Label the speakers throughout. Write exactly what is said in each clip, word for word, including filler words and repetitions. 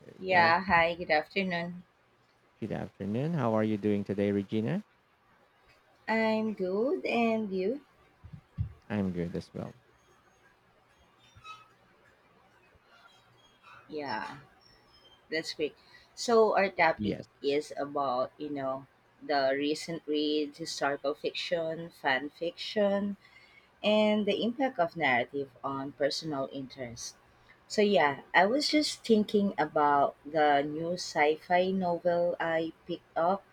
Speaker 1: There you go.
Speaker 2: Yeah, hi, good afternoon.
Speaker 1: Good afternoon. How are you doing today, Regina?
Speaker 2: I'm good, and you?
Speaker 1: I'm good as well.
Speaker 2: Yeah, that's great. So, our topic
Speaker 1: Yes.
Speaker 2: is about, you know, the recent reads, historical fiction, fan fiction, and the impact of narrative on personal interest. So, yeah, I was just thinking about the new sci fi novel I picked up.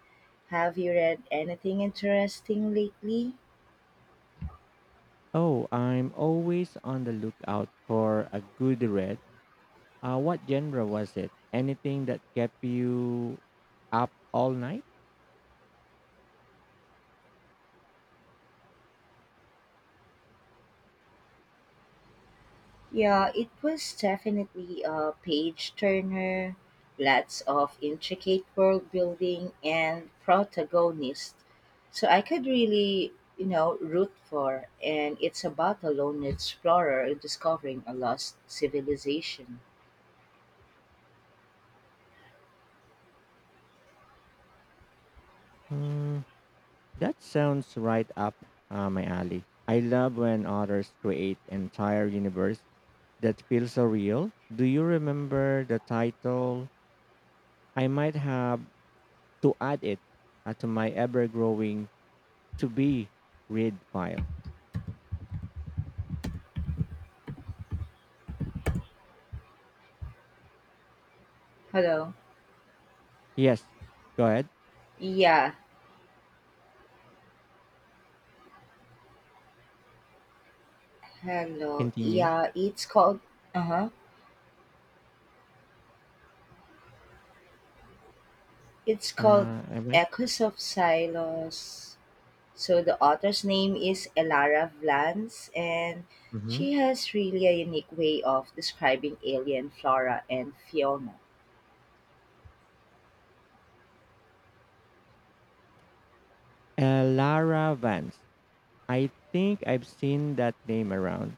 Speaker 2: Have you read anything interesting lately?
Speaker 1: Oh, I'm always on the lookout for a good read. Uh, what genre was it? Anything that kept you up all night?
Speaker 2: Yeah, it was definitely a page turner, lots of intricate world building and protagonist, so I could really, you know, root for and it's about a lone explorer discovering a lost civilization.
Speaker 1: Hmm, that sounds right up uh, my alley. I love when authors create entire universe that feels so real. Do you remember the title? I might have to add it uh, to my ever-growing to be read file.
Speaker 2: Hello.
Speaker 1: Yes, go ahead,
Speaker 2: Yeah, hello.
Speaker 1: continue.
Speaker 2: Yeah, it's called. Uh-huh. It's called
Speaker 1: Uh, am I?
Speaker 2: Echoes of Silos. So the author's name is Elara Vlans, and
Speaker 1: Mm-hmm.
Speaker 2: she has really a unique way of describing alien flora and fauna.
Speaker 1: Uh, Lara Vance. I think I've seen that name around.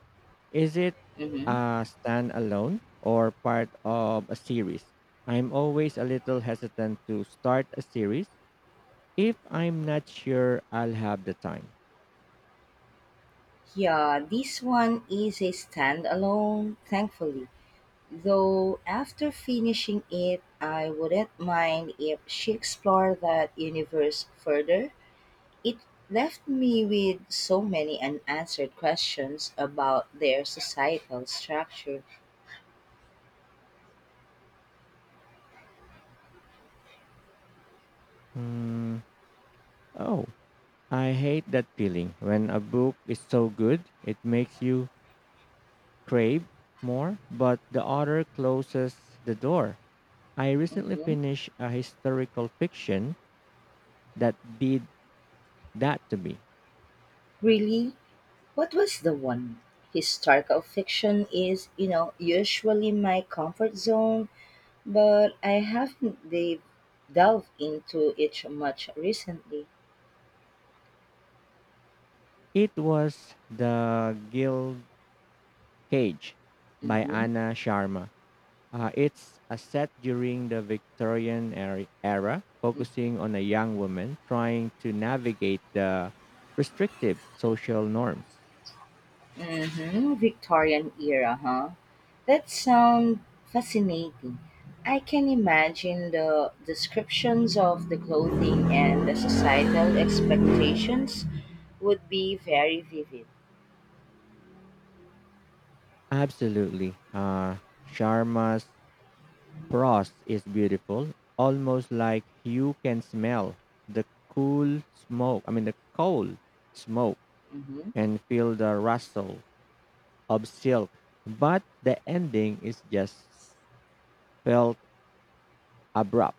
Speaker 1: Is it
Speaker 2: Hmm.
Speaker 1: a standalone or part of a series? I'm always a little hesitant to start a series if I'm not sure I'll have the time.
Speaker 2: Yeah, this one is a standalone, thankfully. Though after finishing it, I wouldn't mind if she explored that universe further. It left me with so many unanswered questions about their societal structure.
Speaker 1: Hmm. Oh, I hate that feeling when a book is so good, it makes you crave more, but the other closes the door. I recently
Speaker 2: Hmm.
Speaker 1: finished a historical fiction that did that to me.
Speaker 2: Really? What was the one? Historical fiction is, you know, usually my comfort zone, but I haven't de- delved into it much recently.
Speaker 1: It was The Guild Cage by
Speaker 2: Mm-hmm.
Speaker 1: Anna Sharma. Uh, it's a set during the Victorian era, era, focusing on a young woman trying to navigate the restrictive social norms.
Speaker 2: Mm-hmm. Victorian era, huh? That sounds fascinating. I can imagine the descriptions of the clothing and the societal expectations would be very vivid.
Speaker 1: Absolutely. Uh, Sharma's Frost is beautiful, almost like you can smell the cool smoke, I mean, the coal smoke,
Speaker 2: Mm-hmm.
Speaker 1: and feel the rustle of silk. But the ending is just felt abrupt.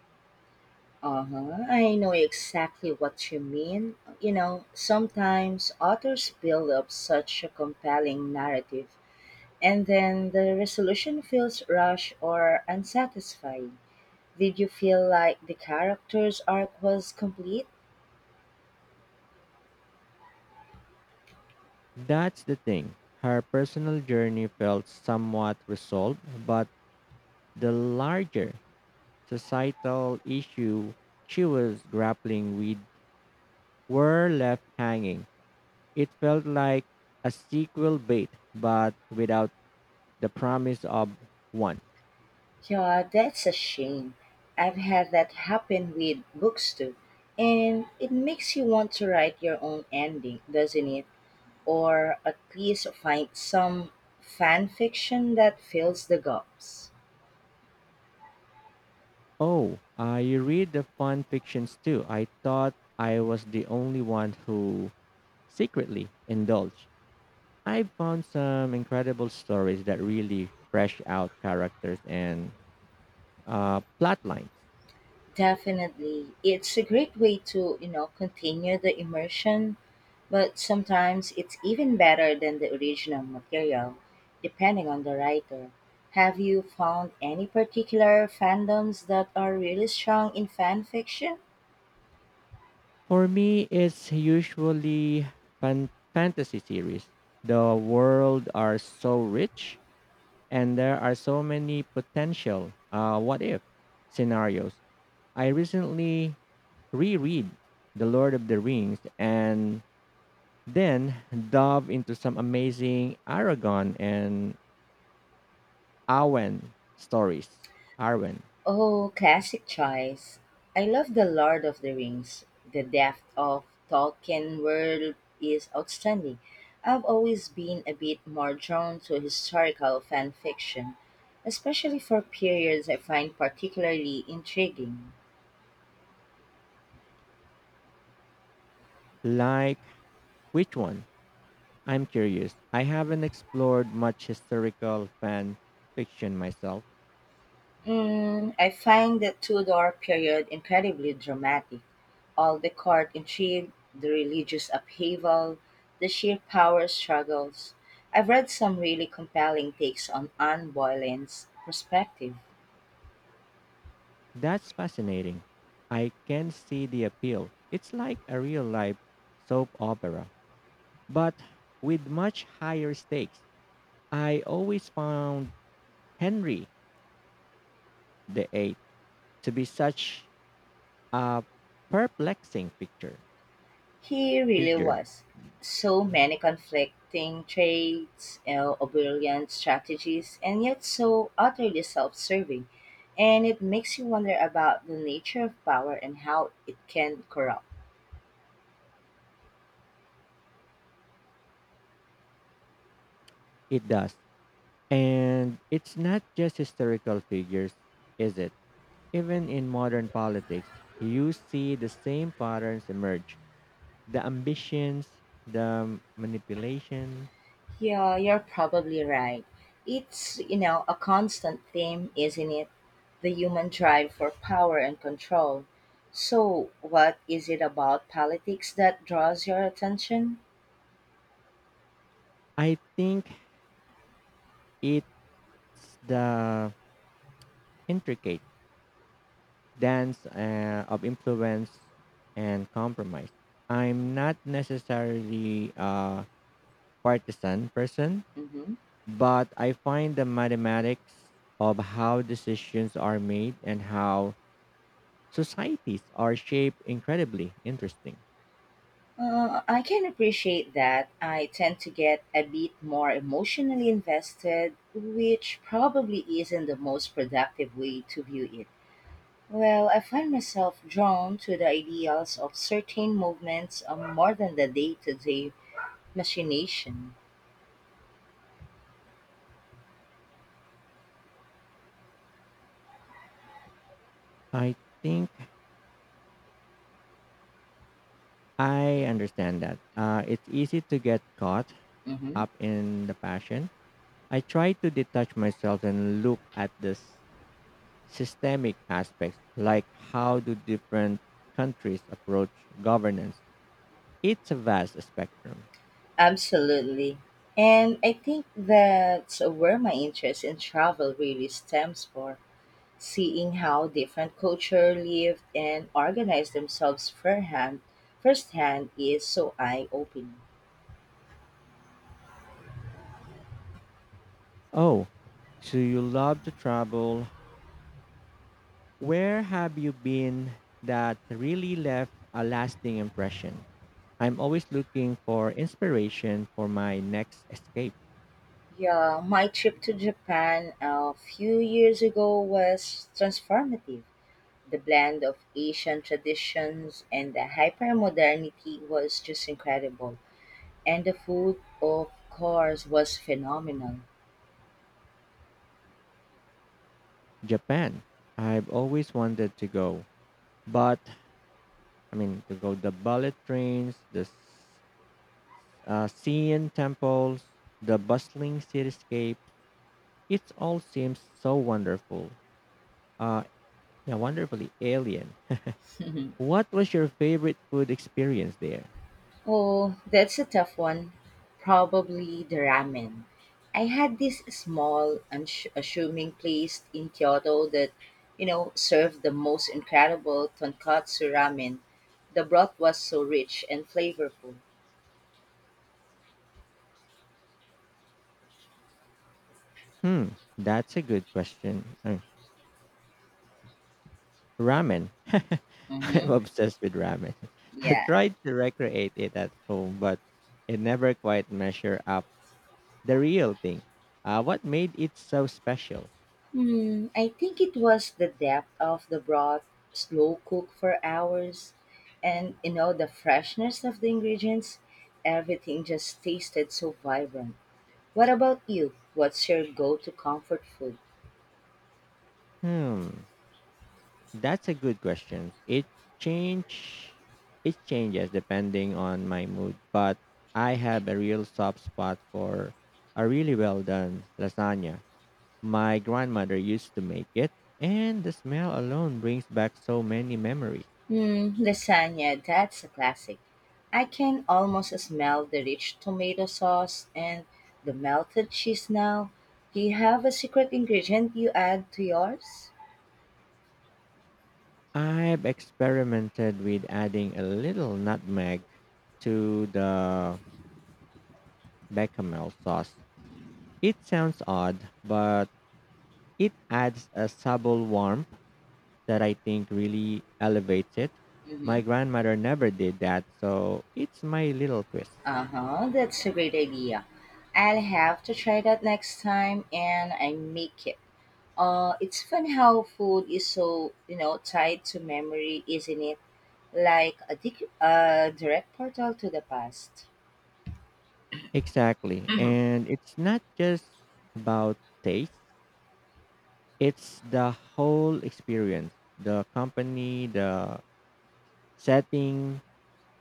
Speaker 2: Uh-huh. I know exactly what you mean. You know, sometimes authors build up such a compelling narrative and then the resolution feels rushed or unsatisfying. Did you feel like the character's arc was complete?
Speaker 1: That's the thing. Her personal journey felt somewhat resolved, but the larger societal issue she was grappling with were left hanging. It felt like a sequel bait, but without the promise of one.
Speaker 2: Yeah, that's a shame. I've had that happen with books too. And it makes you want to write your own ending, doesn't it? Or at least find some fan fiction that fills the gaps.
Speaker 1: Oh, uh, you read the fun fictions too. I thought I was the only one who secretly indulged. I found some incredible stories that really fresh out characters and uh, plot lines.
Speaker 2: Definitely. It's a great way to, you know, continue the immersion, but sometimes it's even better than the original material, depending on the writer. Have you found any particular fandoms that are really strong in fan fiction?
Speaker 1: For me, it's usually fan- fantasy series. The world are so rich and there are so many potential uh, what if scenarios. I recently reread The Lord of the Rings and then dove into some amazing Aragon and Arwen stories. Arwen.
Speaker 2: Oh, classic choice. I love The Lord of the Rings. The depth of Tolkien world is outstanding. I've always been a bit more drawn to historical fan fiction, especially for periods I find particularly intriguing.
Speaker 1: Like which one? I'm curious. I haven't explored much historical fan fiction myself.
Speaker 2: Mm, I find the Tudor period incredibly dramatic. All the court intrigue, the religious upheaval, the sheer power struggles. I've read some really compelling takes on Anne Boleyn's perspective.
Speaker 1: That's fascinating. I can see the appeal. It's like a real life soap opera, but with much higher stakes. I always found Henry the Eighth to be such a perplexing picture
Speaker 2: He really
Speaker 1: figure.
Speaker 2: was. So many conflicting traits, you know, Oberlian strategies, and yet so utterly self serving. And it makes you wonder about the nature of power and how it can corrupt.
Speaker 1: It does. And it's not just historical figures, is it? Even in modern politics, you see the same patterns emerge the ambitions, the manipulations.
Speaker 2: Yeah, you're probably right. It's, you know, a constant theme, isn't it? The human drive for power and control. So, what is it about politics that draws your attention?
Speaker 1: I think it's the intricate dance uh, of influence and compromise. I'm not necessarily a partisan person,
Speaker 2: Hmm.
Speaker 1: but I find the mathematics of how decisions are made and how societies are shaped incredibly interesting.
Speaker 2: Uh, I can appreciate that. I tend to get a bit more emotionally invested, which probably isn't the most productive way to view it. Well, I find myself drawn to the ideals of certain movements uh, more than the day to day machination.
Speaker 1: I think I understand that. Uh, it's easy to get caught
Speaker 2: Hmm.
Speaker 1: up in the passion. I try to detach myself and look at the s- systemic aspects, like how do different countries approach governance. It's a vast spectrum.
Speaker 2: Absolutely. And I think that's where my interest in travel really stems for seeing how different culture live and organize themselves firehand, firsthand is so eye-opening.
Speaker 1: Oh, so you love to travel. Where have you been that really left a lasting impression? I'm always looking for inspiration for my next escape.
Speaker 2: Yeah, my trip to Japan a few years ago was transformative. The blend of Asian traditions and the hypermodernity was just incredible. And the food, of course, was phenomenal.
Speaker 1: Japan. I've always wanted to go, but I mean to go the bullet trains, the s- uh, Sien temples, the bustling cityscape. It all seems so wonderful. Uh, yeah, wonderfully alien. What was your favorite food experience there?
Speaker 2: Oh, that's a tough one. Probably the ramen. I had this small, unassuming place in Kyoto that, you know, served the most incredible tonkatsu ramen. The broth was so rich and flavorful.
Speaker 1: Hmm, that's a good question. Uh, ramen. I'm
Speaker 2: Mm-hmm.
Speaker 1: obsessed with ramen. I
Speaker 2: Yeah.
Speaker 1: tried to recreate it at home, but it never quite measure out the real thing. Uh, what made it so special?
Speaker 2: Hmm, I think it was the depth of the broth, slow cook for hours, and you know the freshness of the ingredients. Everything just tasted so vibrant. What about you? What's your go-to comfort food?
Speaker 1: Hmm, that's a good question. It change, it changes depending on my mood, but I have a real soft spot for a really well done lasagna. My grandmother used to make it, and the smell alone brings back so many memories.
Speaker 2: Hmm, lasagna. That's a classic. I can almost smell the rich tomato sauce and the melted cheese now. Do you have a secret ingredient you add to yours?
Speaker 1: I've experimented with adding a little nutmeg to the bechamel sauce. It sounds odd, but it adds a subtle warmth that I think really elevates it.
Speaker 2: Mm-hmm.
Speaker 1: My grandmother never did that, so it's my little twist.
Speaker 2: Uh-huh, that's a great idea. I'll have to try that next time and I make it. Uh, it's fun how food is so, you know, tied to memory, isn't it? Like a, dic- a direct portal to the past.
Speaker 1: Exactly. And it's not just about taste, it's the whole experience, the company, the setting,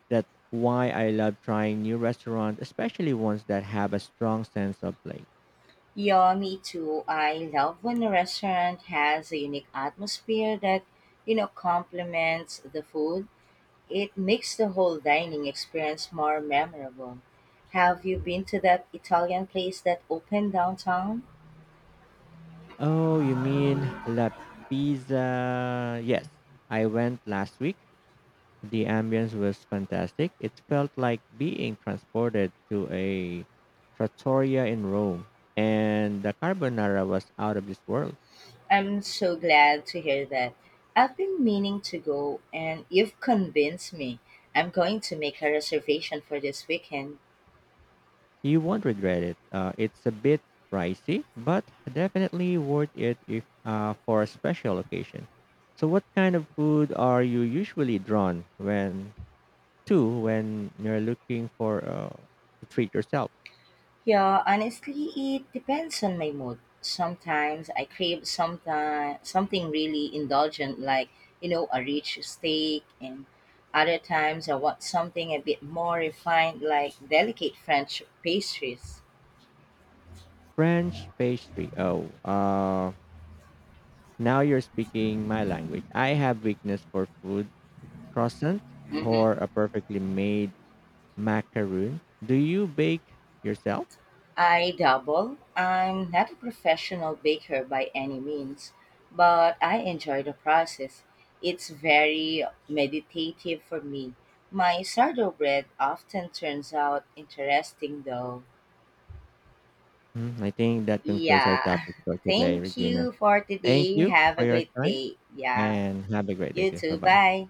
Speaker 1: that why I love trying new restaurants, especially ones that have a strong sense of place.
Speaker 2: Yeah, me too. I love when a restaurant has a unique atmosphere that, you know, complements the food. It makes the whole dining experience more memorable. Have you been to that Italian place that opened downtown?
Speaker 1: Oh, you mean La Pizza? Yes. I went last week. The ambience was fantastic. It felt like being transported to a trattoria in Rome. And the carbonara was out of this world.
Speaker 2: I'm so glad to hear that. I've been meaning to go, and you've convinced me. I'm going to make a reservation for this weekend.
Speaker 1: You won't regret it. Uh, it's a bit pricey, but definitely worth it if uh, for a special occasion. So, what kind of food are you usually drawn when to when you're looking for uh, to treat yourself?
Speaker 2: Yeah, honestly, it depends on my mood. Sometimes I crave sometime, something really indulgent, like, you know, a rich steak, and other times I want something a bit more refined, like delicate French pastries.
Speaker 1: French pastry. Oh, uh, Now you're speaking my language. I have weakness for food croissant or
Speaker 2: Mhm.
Speaker 1: a perfectly made macaroon. Do you bake yourself?
Speaker 2: I double. I'm not a professional baker by any means, but I enjoy the process. It's very meditative for me. My sourdough bread often turns out interesting, though.
Speaker 1: Hmm. I think that concludes our
Speaker 2: Yeah.
Speaker 1: topic for today,
Speaker 2: Thank
Speaker 1: Regina.
Speaker 2: you for
Speaker 1: Thank
Speaker 2: today.
Speaker 1: you
Speaker 2: Have
Speaker 1: for
Speaker 2: a
Speaker 1: your
Speaker 2: great
Speaker 1: time
Speaker 2: day. Yeah.
Speaker 1: and have a great day
Speaker 2: You
Speaker 1: too. Bye
Speaker 2: too.
Speaker 1: bye.
Speaker 2: Bye.